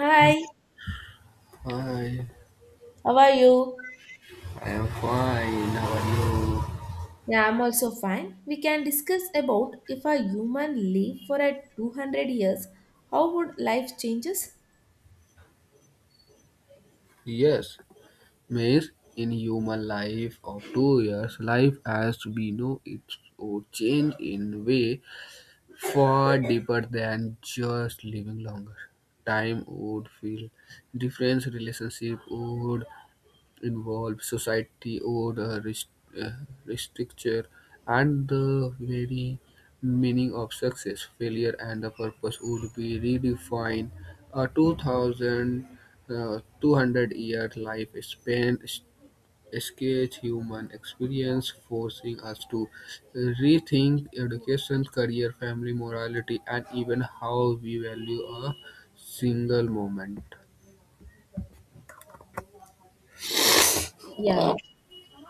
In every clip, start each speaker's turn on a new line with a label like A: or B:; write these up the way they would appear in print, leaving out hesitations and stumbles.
A: Hi.
B: Hi,
A: How are you?
B: I am fine. How are you?
A: Yeah, I'm also fine. We can discuss about if a human live for a 200 years, how would life changes?
B: Yes, Miss, in human life of 2 years, life as we know it would change in way far deeper than just living longer. Time would feel different, relationship would involve society, order, uh, structure, and the very meaning of success, failure, and the purpose would be redefined. A 2,200 year life span sketch human experience, forcing us to rethink education, career, family, morality, and even how we value a single moment.
A: Yeah.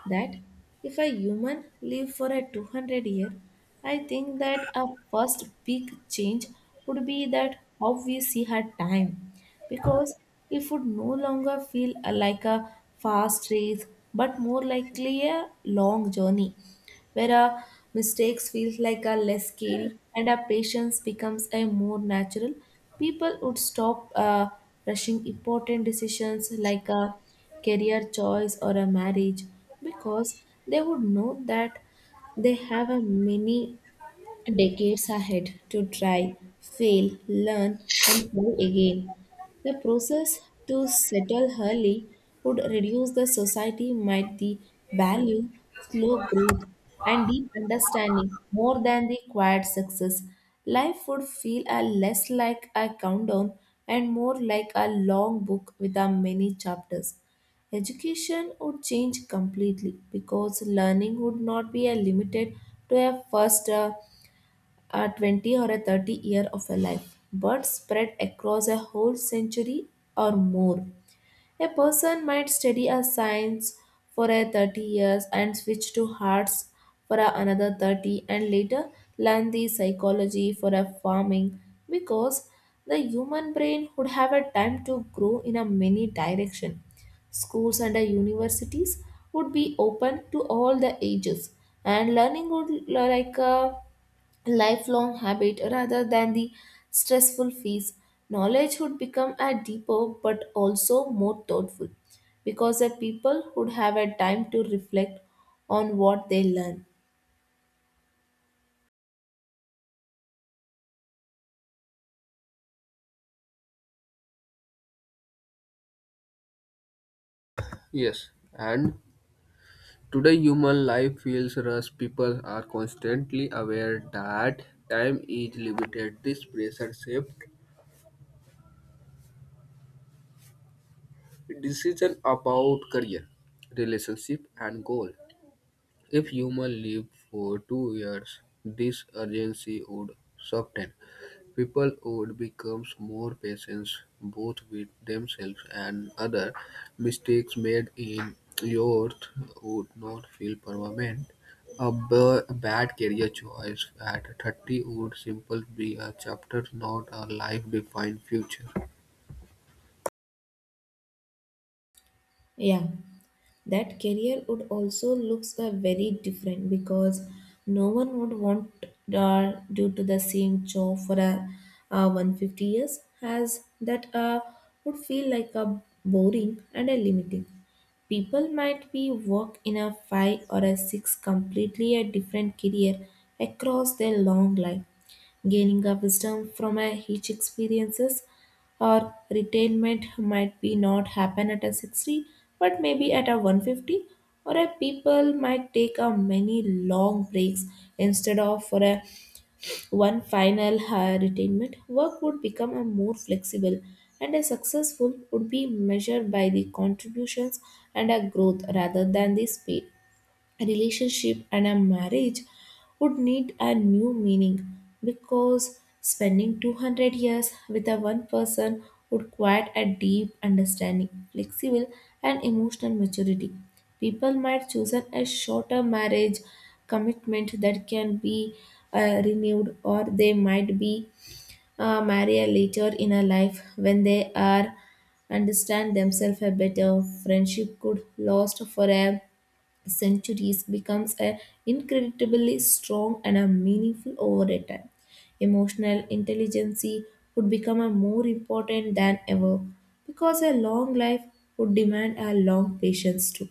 A: That If a human live for a 200 year, I think that a first big change would be that how we see her time, because it would no longer feel like a fast race, but more likely a long journey where our mistakes feels like are less scary and our patience becomes a more natural. People would stop rushing important decisions like a career choice or a marriage because they would know that they have a many decades ahead to try, fail, learn, and try again. The process to settle early would reduce the society might the value slow growth and deep understanding more than the quiet success. Life would feel a less like a countdown and more like a long book with a many chapters. Education would change completely because learning would not be a limited to a first a 20 or a 30 year of a life, but spread across a whole century or more. A person might study a science for a 30 years and switch to arts for a another 30 and later learn the psychology for a farming because the human brain would have a time to grow in a many direction. Schools and universities would be open to all the ages and learning would like lifelong habit rather than the stressful phase. Knowledge would become a deeper but also more thoughtful because the people would have a time to reflect on what they learn.
B: Yes, and today, human life feels rushed. People are constantly aware that time is limited. This pressure shapes decision about career, relationship, and goal. If human live for 2 years, this urgency would soften. People would become more patient both with themselves and others; mistakes made in youth would not feel permanent. A bad career choice at 30 would simply be a chapter, not a life-defining future.
A: Yeah. That career would also looks very different because no one would want do to the same job for a 150 years, as that would feel like a boring and a limiting. People might be work in a five or a six completely a different career across their long life, gaining a wisdom from a each experiences, or retirement might be not happen at a 60 but maybe at a 150, or a people might take a many long breaks instead of for a one final retirement. Work would become a more flexible, and a successful would be measured by the contributions and a growth rather than the speed. A relationship and a marriage would need a new meaning because spending 200 years with a one person would quite a deep understanding flexible and emotional maturity. People might choose a shorter marriage commitment that can be renewed, or they might be marry a later in a life when they are understand themselves a better. Friendship could last for a centuries, becomes a incredibly strong and a meaningful over a time. Emotional intelligence would become a more important than ever because a long life would demand a long patience too.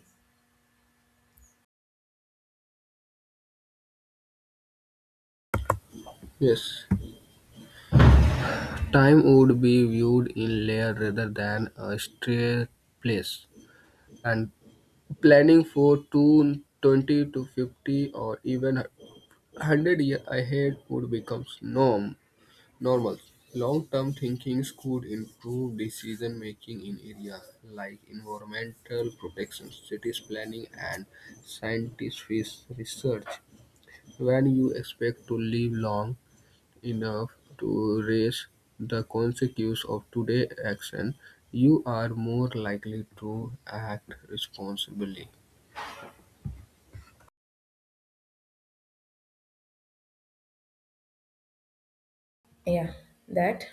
B: Yes, time would be viewed in layer rather than a straight place. And planning for two, 20, to 50 or even hundred years ahead would become normal. Long-term thinking could improve decision-making in areas like environmental protection, cities planning, and scientific research. When you expect to live long enough to raise the consequences of today's action, you are more likely to act responsibly.
A: Yeah, that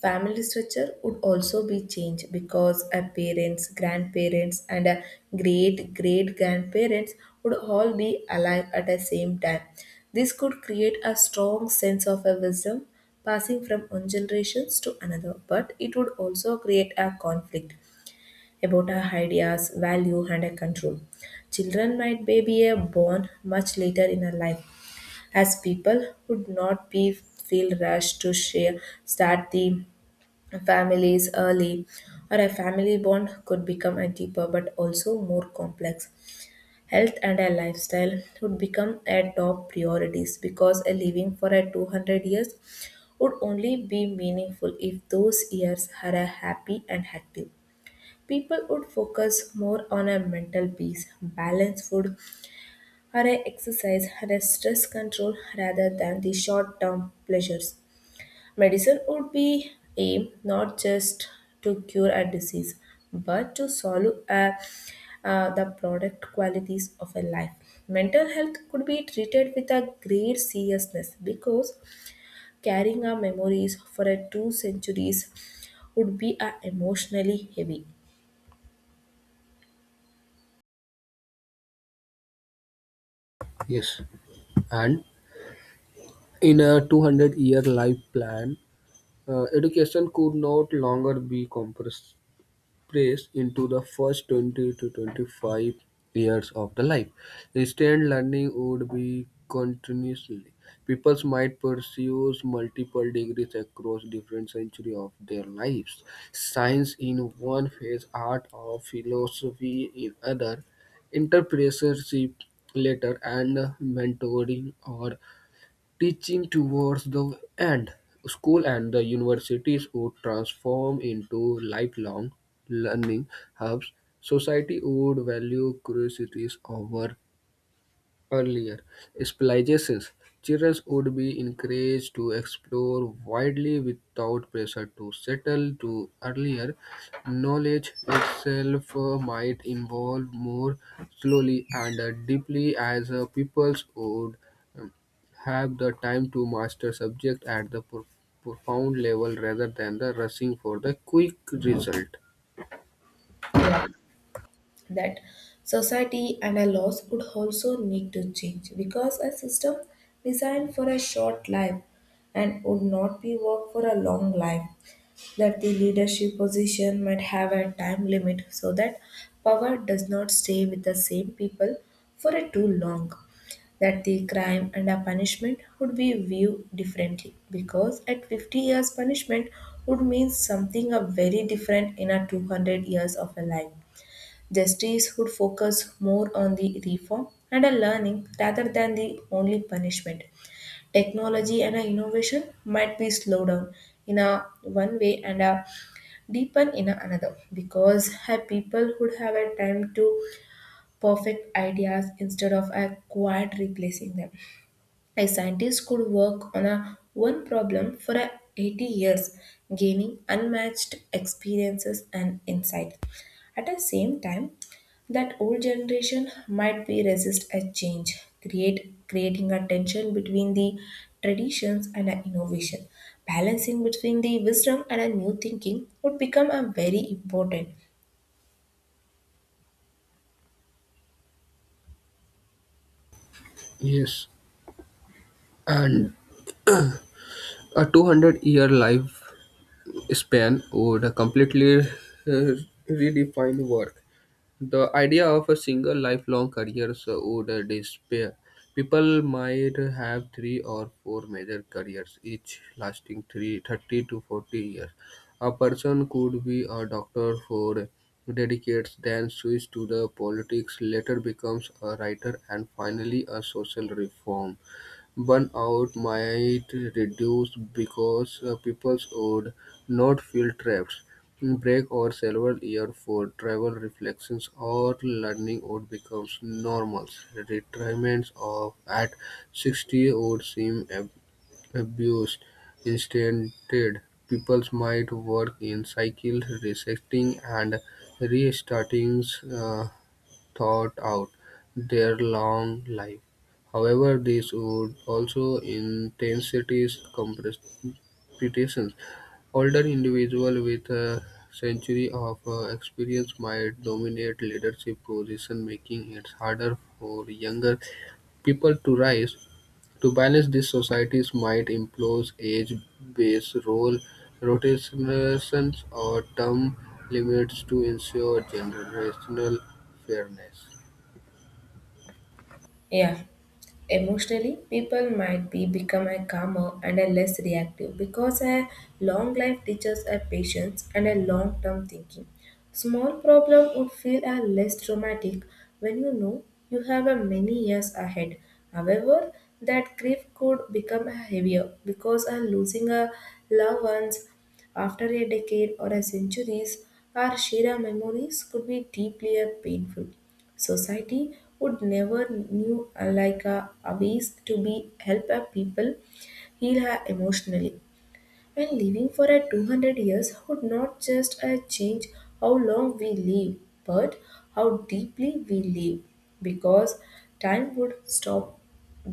A: Family structure would also be changed because a parents, grandparents, and a great great grandparents would all be alive at the same time. This could create a strong sense of a wisdom passing from one generation to another, but it would also create a conflict about our ideas, value, and a control. Children might be a born much later in our life, as people would not be feel rushed to share start the families early, or a family bond could become a deeper but also more complex. Health and a lifestyle would become a top priorities because a living for a 200 years would only be meaningful if those years are a happy and active. People would focus more on a mental peace, balanced food, or a exercise and a stress control rather than the short-term pleasures. Medicine would be aimed not just to cure a disease, but to solve the product qualities of a life. Mental health could be treated with a great seriousness because carrying our memories for a two centuries would be emotionally heavy.
B: Yes, and in a 200-year life plan, education could not longer be compressed into the first 20 to 25 years of the life. Instant learning would be continuously. People might pursue multiple degrees across different centuries of their lives. Science in one phase, art or philosophy in other, entrepreneurship later, and mentoring or teaching towards the end. School and the universities would transform into lifelong learning hubs. Society would value curiosities over earlier specializations. Children would be encouraged to explore widely without pressure to settle to earlier. Knowledge itself might evolve more slowly and deeply as peoples would um, have the time to master subject at the profound level rather than the rushing for the quick result.
A: Yeah. that Society and our laws would also need to change because a system designed for a short life and would not be work for a long life, that the leadership position might have a time limit so that power does not stay with the same people for a too long, that the crime and a punishment would be viewed differently, because at 50 years punishment would mean something a very different in a 200 years of a life. Justice would focus more on the reform and a learning rather than the only punishment. Technology and a innovation might be slowed down in a one way and a deepen in a another because a people would have a time to perfect ideas instead of a quiet replacing them. A scientist could work on a one problem for a 80 years, gaining unmatched experiences and insight. At the same time, that old generation might be resist a change, create creating a tension between the traditions and a innovation. Balancing between the wisdom and a new thinking would become a very important.
B: Yes, and a 200-year life span would completely redefine work. The idea of a single lifelong career so would disappear. People might have three or four major careers, each lasting three, 30 to 40 years. A person could be a doctor for decades, then switch to the politics, later becomes a writer, and finally a social reform. Burnout might reduce because people would not feel trapped. Break or several years for travel, reflections, or learning would become normal. Retirements of at 60 would seem abused. Instead, people might work in cycles, resetting and restarting. Uh, Thought out their long life. However, this would also intensities competition. Older individuals with a century of experience might dominate leadership position, making it harder for younger people to rise. To balance this, societies might impose age-based role rotations or term limits to ensure generational fairness.
A: Yeah. Emotionally, people might be become a calmer and a less reactive because a long life teaches a patience and a long term thinking. Small problem would feel a less traumatic when you know you have a many years ahead. However, that grief could become a heavier because a losing a loved ones after a decade or a centuries, our shared memories could be deeply painful. Society would never knew like a ways to be help a people heal her emotionally, and living for a 200 years would not just change how long we live, but how deeply we live, because time would stop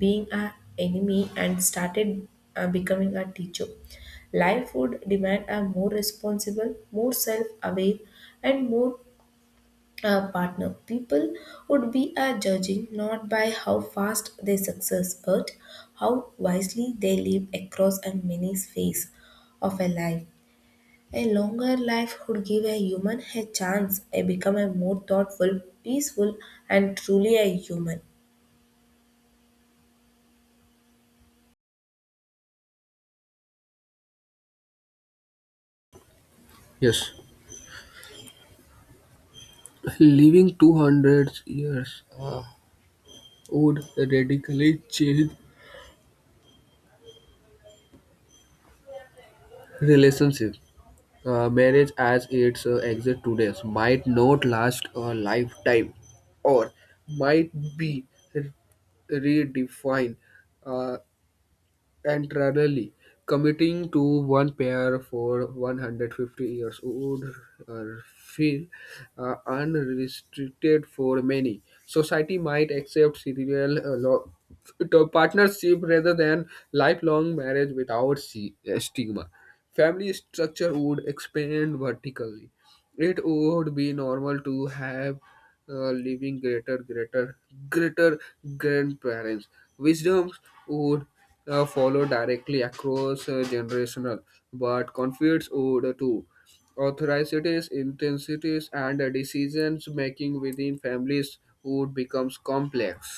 A: being our enemy and started becoming our teacher. Life would demand a more responsible, more self aware, and more a partner. People would be judging not by how fast they success, but how wisely they live across a many phase of a life. A longer life would give a human a chance to become a more thoughtful, peaceful, and truly a human.
B: Yes, living 200 years would radically change relationships. Marriage as it exists today might not last a lifetime or might be re- redefined, uh, and rarely committing to one pair for 150 years would feel unrestricted for many. Society might accept serial to partnership rather than lifelong marriage without stigma. Family structure would expand vertically. It would be normal to have living greater greater grandparents. Wisdoms would follow directly across generational, but conflicts would too. Authorities intensities and decisions making within families would becomes complex.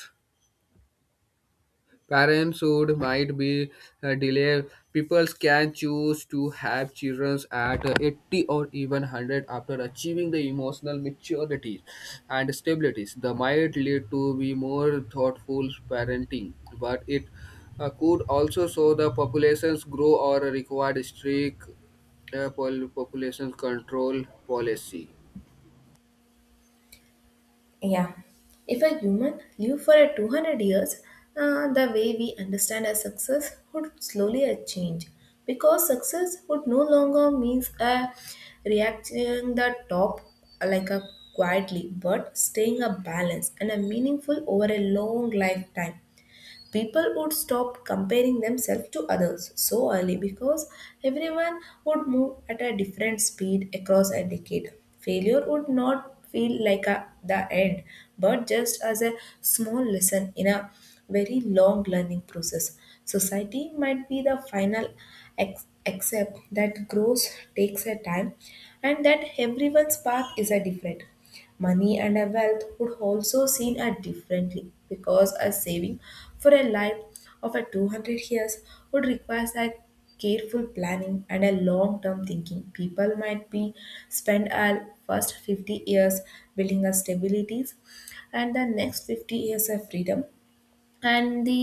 B: Parenthood might be delayed. People can choose to have children at 80 or even 100 after achieving the emotional maturity and stabilities. The might lead to be more thoughtful parenting, but it could also show the populations grow or require strict population control policy.
A: Yeah, if a human lived for a 200 years, the way we understand as success would slowly a change, because success would no longer means a reaching the top like a quietly, but staying a balance and a meaningful over a long lifetime. People would stop comparing themselves to others so early because everyone would move at a different speed across a decade. Failure would not feel like a, the end, but just as a small lesson in a very long learning process. Society might be the final except that growth takes a time and that everyone's path is a different. Money and a wealth would also seen at differently because a saving for a life of a 200 years would require a careful planning and a long-term thinking. People might be spend a first 50 years building a stabilities, and the next 50 years of freedom, and the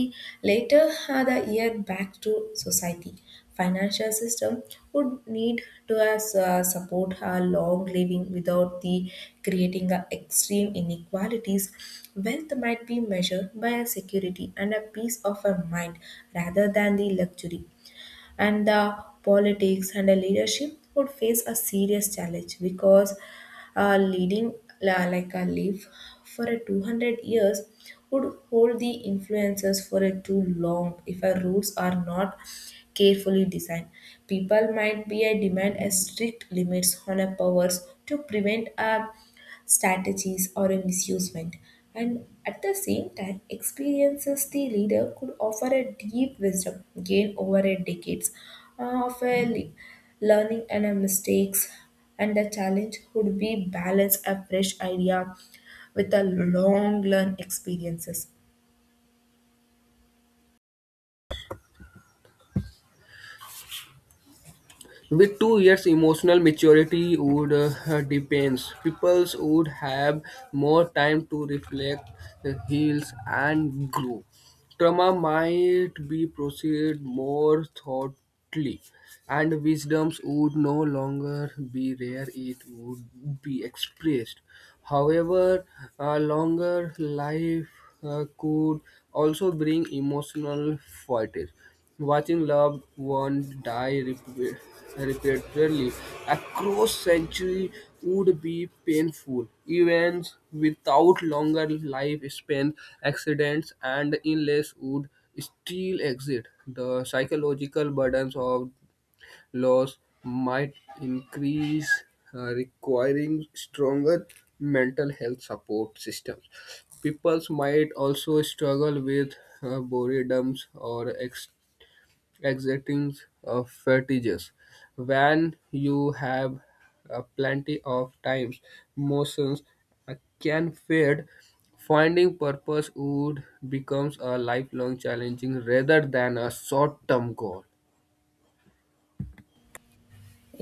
A: later the year back to society. Financial system would need to as support her long living without the creating a extreme inequalities. Wealth might be measured by a security and a peace of a mind rather than the luxury. And the politics and the leadership would face a serious challenge because leading like a leaf for a 200 years would hold the influences for a too long if our rules are not carefully designed. People might be a demand a strict limits on our powers to prevent a strategies or a misusement, and at the same time experiences the leader could offer a deep wisdom gained over a decades of a learning and a mistakes. And the challenge would be balance a fresh idea with a long learned experiences.
B: With 2 years, emotional maturity would depends. Peoples would have more time to reflect, heal, and grow. Trauma might be processed more thoughtfully, and wisdoms would no longer be rare. It would be expressed. However, a longer life could also bring emotional fatigue. Watching loved ones die repeatedly across centuries would be painful. Events without longer life spans, accidents, and illness would still exist. The psychological burdens of loss might increase, requiring stronger mental health support systems. People might also struggle with boredoms or exacting fetishes. When you have plenty of times, motions uh, can fade. Finding purpose would becomes a lifelong challenging rather than a short-term goal.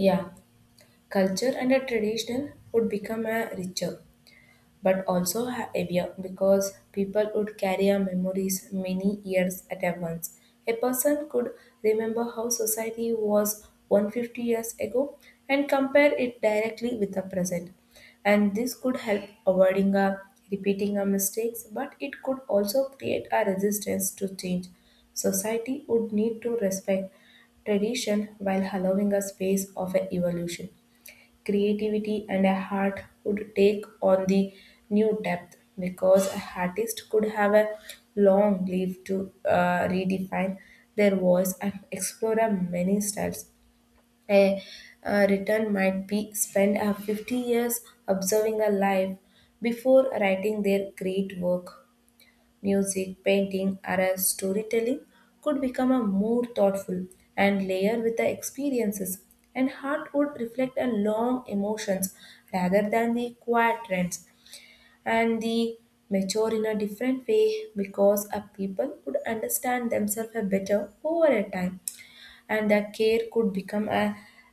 A: Yeah, culture and a traditional would become a richer but also heavier because people would carry our memories many years at a once. A person could remember how society was 150 years ago and compare it directly with the present. And this could help avoiding a repeating our mistakes, but it could also create a resistance to change. Society would need to respect tradition while allowing a space of a evolution. Creativity and a heart would take on the new depth because a artist could have a long leave to redefine their voice and explore a many styles. A, a return might be spent 50 years observing a life before writing their great work. Music, painting, or as storytelling could become a more thoughtful and layer with the experiences, and heart would reflect a long emotions rather than the quiet trends, and the mature in a different way because a people would understand themselves a better over a time, and the care could become a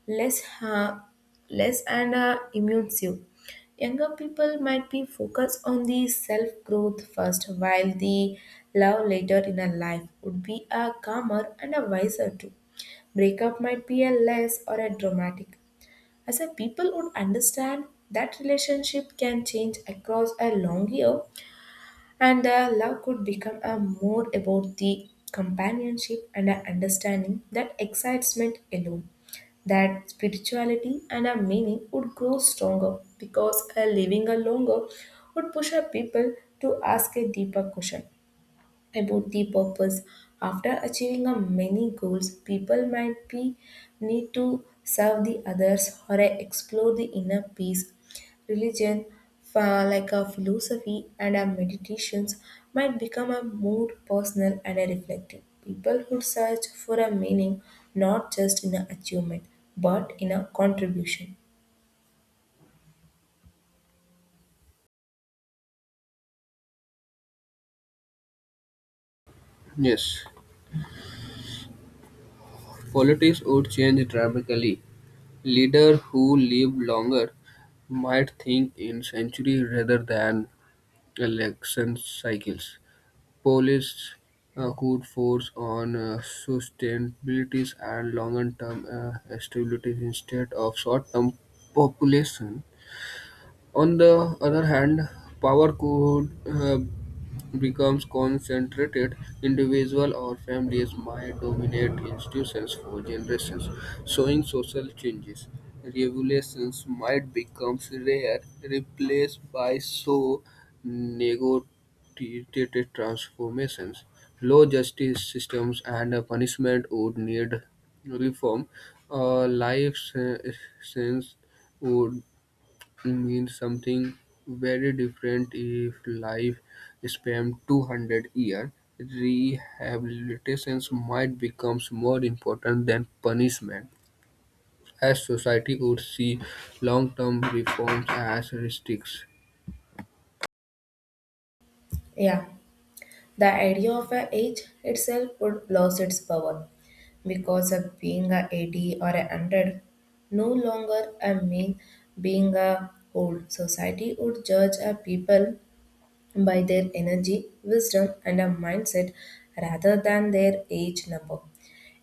A: less ha- less and immersive. Younger people might be focused on the self growth first, while the love later in a life would be a calmer and a wiser too. Breakup might be a less or a dramatic, as a people would understand that relationship can change across a long year and love could become a more about the companionship and a understanding that excitement alone, that spirituality and a meaning would grow stronger because a living a longer would push a people to ask a deeper question about the purpose. After achieving a many goals, people might be need to serve the others or explore the inner peace. Religion, like a philosophy and a meditations, might become a more personal and a reflective. People who search for a meaning not just in an achievement but in a contribution.
B: Yes, politics would change dramatically. Leaders who live longer might think in century rather than election cycles. Policies could focus on sustainability and longer-term stability instead of short-term population on the other hand, power could becomes concentrated. Individual or families might dominate institutions for generations, showing social changes. Regulations might become rare, replaced by so negotiated transformations. Law, justice systems, and punishment would need reform. A sentence would means something very different if life spanned 200 years. Rehabilitation might become more important than punishment, as society would see long-term reforms as risks.
A: Yeah. The idea of an age itself would lose its power because of being a 80 or a 100 no longer a mean being a old. Society would judge a people by their energy, wisdom, and a mindset rather than their age number.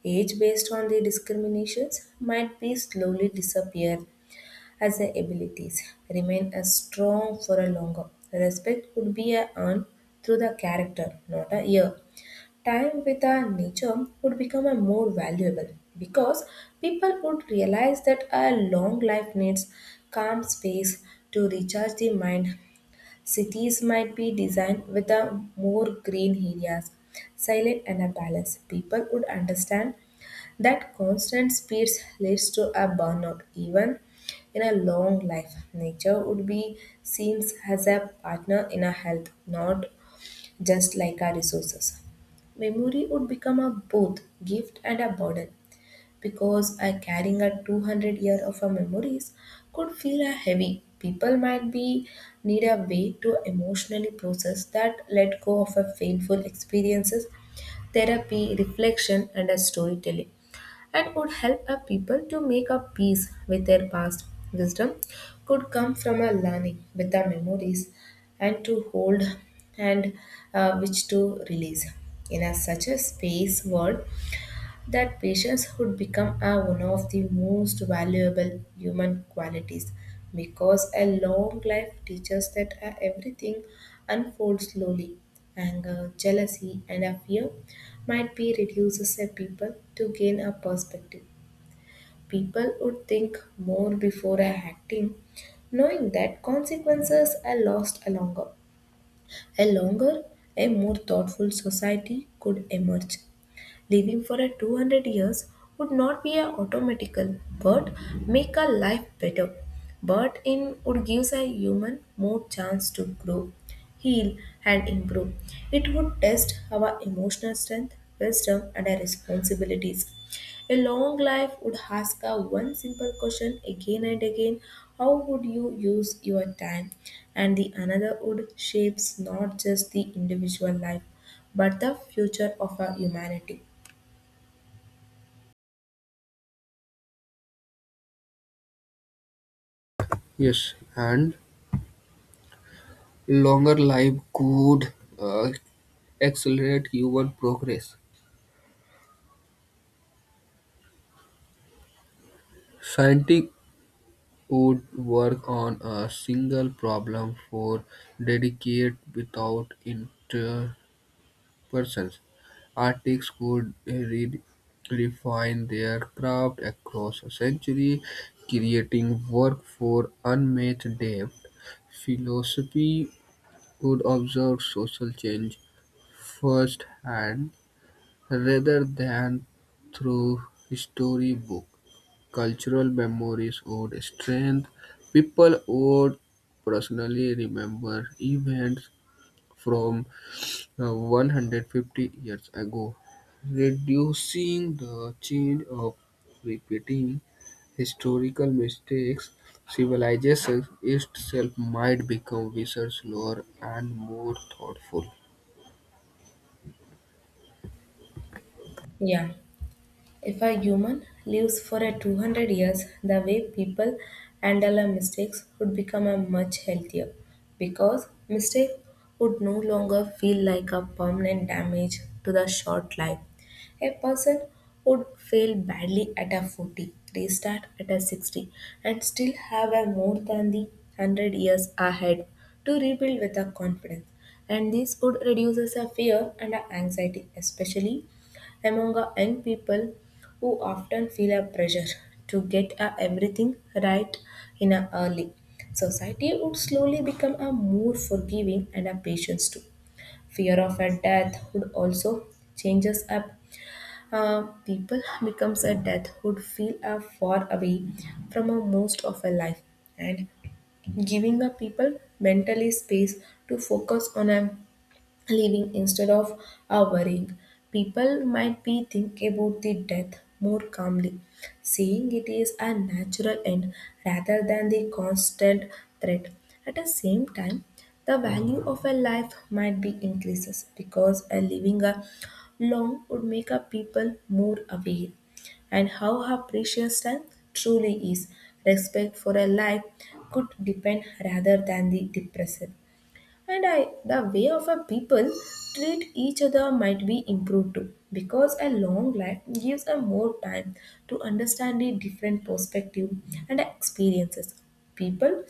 A: Age based on the discriminations might be slowly disappear as the abilities remain as strong for a longer. Respect would be a earned through the character, not a year. Time with our nature would become a more valuable because people would realize that a long life needs calm space to recharge the mind. Cities might be designed with a more green areas, silent and a balance. People would understand that constant speeds leads to a burnout even in a long life. Nature would be seen as a partner in a health, not just like our resources. Memory would become a both gift and a burden because a carrying a 200 year of our memories could feel a heavy. People might be need a way to emotionally process that let go of a painful experiences, therapy, reflection, and a storytelling and would help a people to make a peace with their past. Wisdom could come from a learning with the memories and to hold and which to release. In a, such a space world, that patience would become a, one of the most valuable human qualities because a long life teaches that everything unfolds slowly. Anger, jealousy, and a fear might be reduces a people to gain a perspective. People would think more before acting, knowing that consequences are lost longer. A longer, a more thoughtful society could emerge. Living for a 200 years would not be a automatical, but make our life better. But in would gives a human more chance to grow, heal, and improve. It would test our emotional strength, wisdom, and our responsibilities. A long life would ask her one simple question again and again. How would you use your time? And the another would shapes not just the individual life but the future of our humanity.
B: Yes, and longer life could uh, accelerate human progress. Scientists would work on a single problem for decades without persons. Artists could refine their craft across a century, creating work for unmatched depth. Philosophy could observe social change firsthand rather than through storybook. Cultural memories would strengthen. People would personally remember events from 150 years ago, reducing the change of repeating historical mistakes. Civilization itself might become wiser, slower, and more thoughtful.
A: Yeah, if a human lives for a 200 years, the way people handle our mistakes would become a much healthier because mistake would no longer feel like a permanent damage to the short life. A person would fail badly at a 40, restart at a 60, and still have a more than the 100 years ahead to rebuild with a confidence. And this would reduces a fear and a anxiety, especially among a young people who often feel a pressure to get a everything right in a early. Society would slowly become a more forgiving and a patience too. Fear of a death would also changes up. People becomes a death would feel a far away from a most of a life and giving the people mentally space to focus on a living instead of worrying. People might be thinking about the death more calmly, seeing it is a natural end rather than the constant threat. At the same time, the value of a life might be increases because a living a long would make a people more aware and how her precious time truly is. Respect for a life could depend rather than the depressed. And I, the way of a people treat each other might be improved too, because a long life gives a more time to understand the different perspective and experiences. People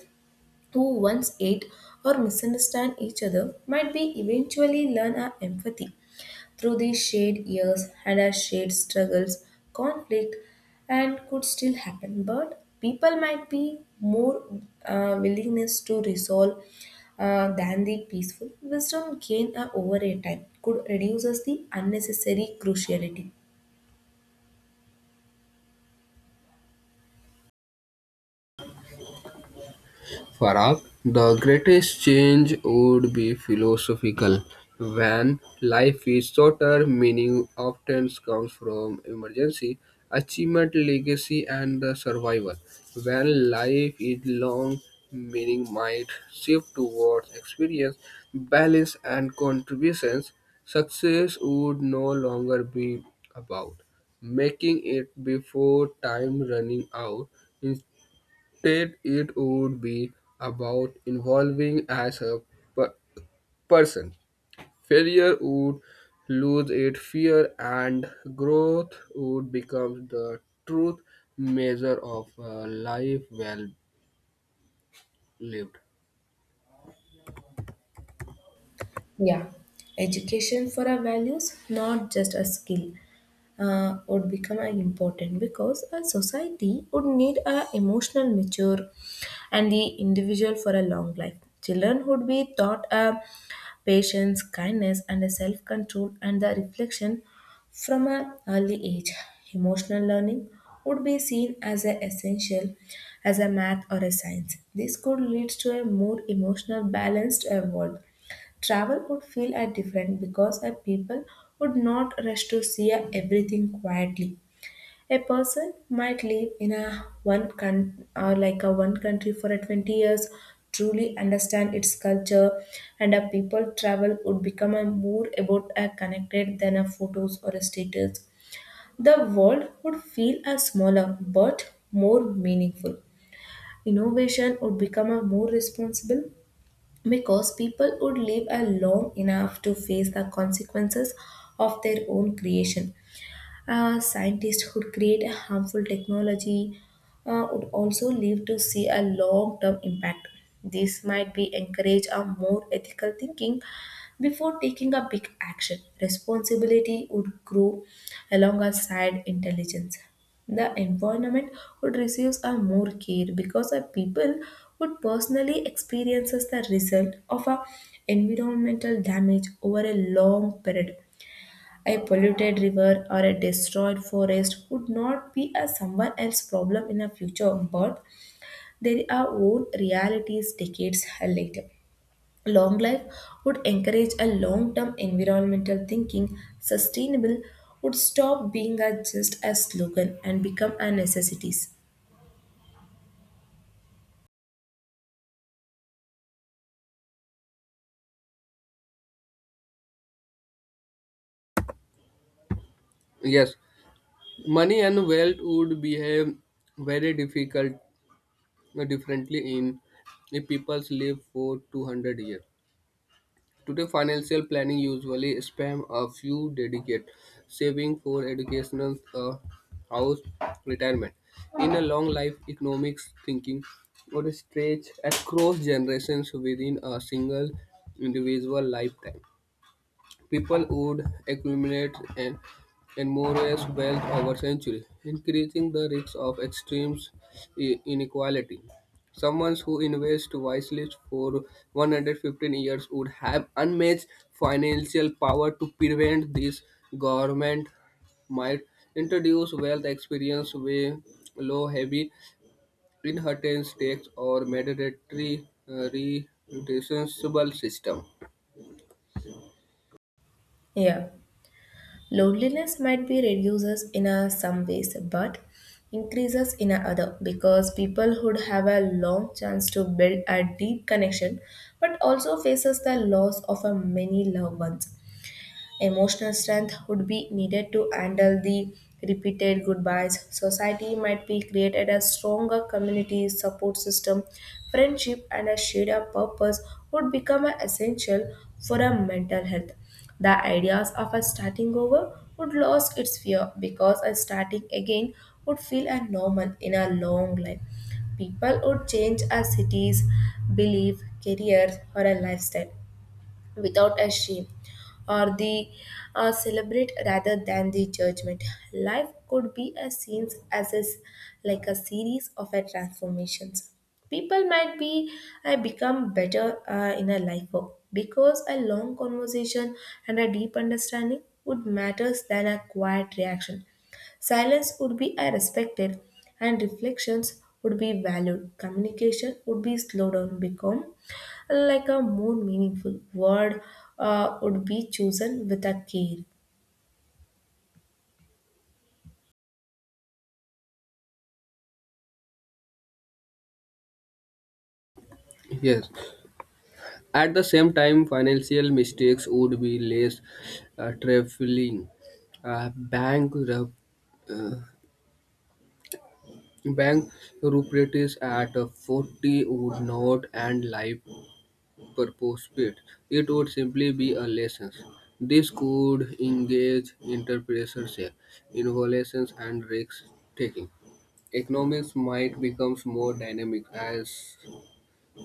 A: who once hate or misunderstand each other might be eventually learn our empathy through these shade years had our shade struggles, conflict, and could still happen. But people might be more willingness to resolve than the peaceful wisdom gained over a time could reduce us the unnecessary cruciality.
B: Farag, the greatest change would be philosophical. When life is shorter, meaning often comes from emergency, achievement, legacy, and the survival. When life is long, meaning might shift towards experience, balance, and contributions. Success would no longer be about making it before time running out. Instead, it would be about evolving as a per- person. Failure would lose its fear, and growth would become the truth measure of a life well lived.
A: Yeah, education for our values, not just a skill, would become important because a society would need a emotional mature and the individual for a long life. Children would be taught a patience, kindness, and a self control and the reflection from an early age. Emotional learning would be seen as a essential as a math or a science. This could lead to a more emotional balanced world. Travel would feel a different because a people would not rush to see a everything quietly. A person might live in a or like a one country for a 20 years, truly understand its culture, and a people travel would become a more about a connected than a photos or a status. The world would feel a smaller but more meaningful. Innovation would become a more responsible because people would live a long enough to face the consequences of their own creation. Scientists who create a harmful technology would also live to see a long-term impact. This might be encourage a more ethical thinking before taking a big action. Responsibility would grow alongside intelligence. The environment would receive a more care because the people would personally experiences the result of a environmental damage over a long period. A polluted river or a destroyed forest would not be a someone else's problem in a future, but there are own realities decades later. Long life would encourage a long-term environmental thinking. Sustainable would stop being a just a slogan and become a necessity.
B: Yes, money and wealth would behave very difficult differently in if people live for 200 years. Today, financial planning usually spans a few dedicated saving for education, a house, retirement. In a long life, economics thinking would stretch across generations within a single individual lifetime. People would accumulate and enormous wealth over centuries, increasing the risk of extreme inequality. Someone who invests wisely for 115 years would have unmatched financial power. To prevent this, government might introduce wealth experience way low heavy inheritance tax or mandatory reducible system.
A: Yeah. Loneliness might be reduces in a some ways, but increases in a other because people would have a long chance to build a deep connection, but also faces the loss of a many loved ones. Emotional strength would be needed to handle the repeated goodbyes. Society might be created a stronger community support system. Friendship and a shared purpose would become a essential for a mental health. The ideas of a starting over would lose its fear because a starting again would feel a normal in a long life. People would change as cities, belief, careers, or a lifestyle without a shame or the celebrate rather than the judgment life could be a scenes as is like a series of a transformations people might be I become better in a life work because a long conversation and a deep understanding would matters than a quiet reaction. Silence would be respected and reflections would be valued. Communication would be slowed down, become like a more meaningful word would be chosen with a care.
B: Yes, at the same time, financial mistakes would be less trifling. Uh, bankrupt, uh, Bankruptcies at 40 would not end life purpose. Pit. It would simply be a lesson. This could engage entrepreneurs, innovations, and risk taking. Economics might become more dynamic as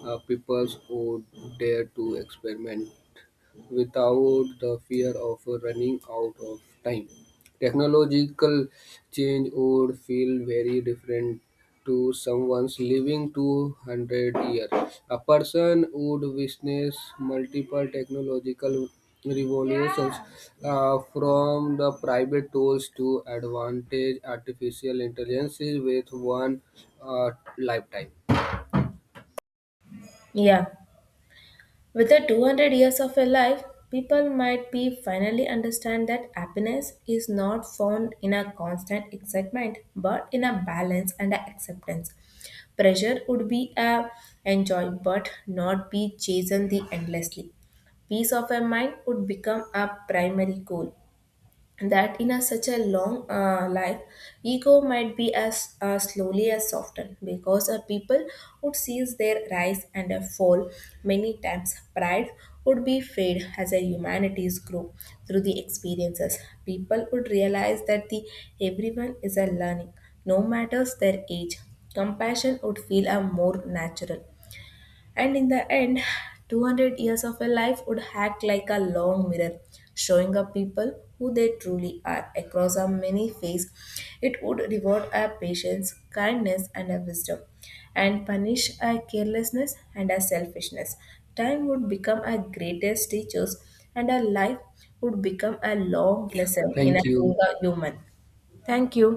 B: people would dare to experiment without the fear of running out of time. Technological change would feel very different to someone's living 200 years. A person would witness multiple technological revolutions from the private tools to advantage artificial intelligences with one uh, lifetime.
A: Yeah. With the 200 years of a life, people might be finally understand that happiness is not found in a constant excitement but in a balance and a acceptance. Pressure would be a enjoy but not be chased the endlessly. Peace of a mind would become a primary goal that in a such a long life ego might be as slowly as softened because a people would seize their rise and a fall many times pride would be fade as a humanities grow through the experiences people would realize that the everyone is a learning no matters their age compassion would feel a more natural and in the end, 200 years of a life would act like a long mirror, showing up people who they truly are across a many faces. It would reward our patience, kindness, and our wisdom, and punish our carelessness and our selfishness. Time would become our greatest teachers, and our life would become a long lesson in
B: Thank
A: a being
B: you.
A: a human. Thank you.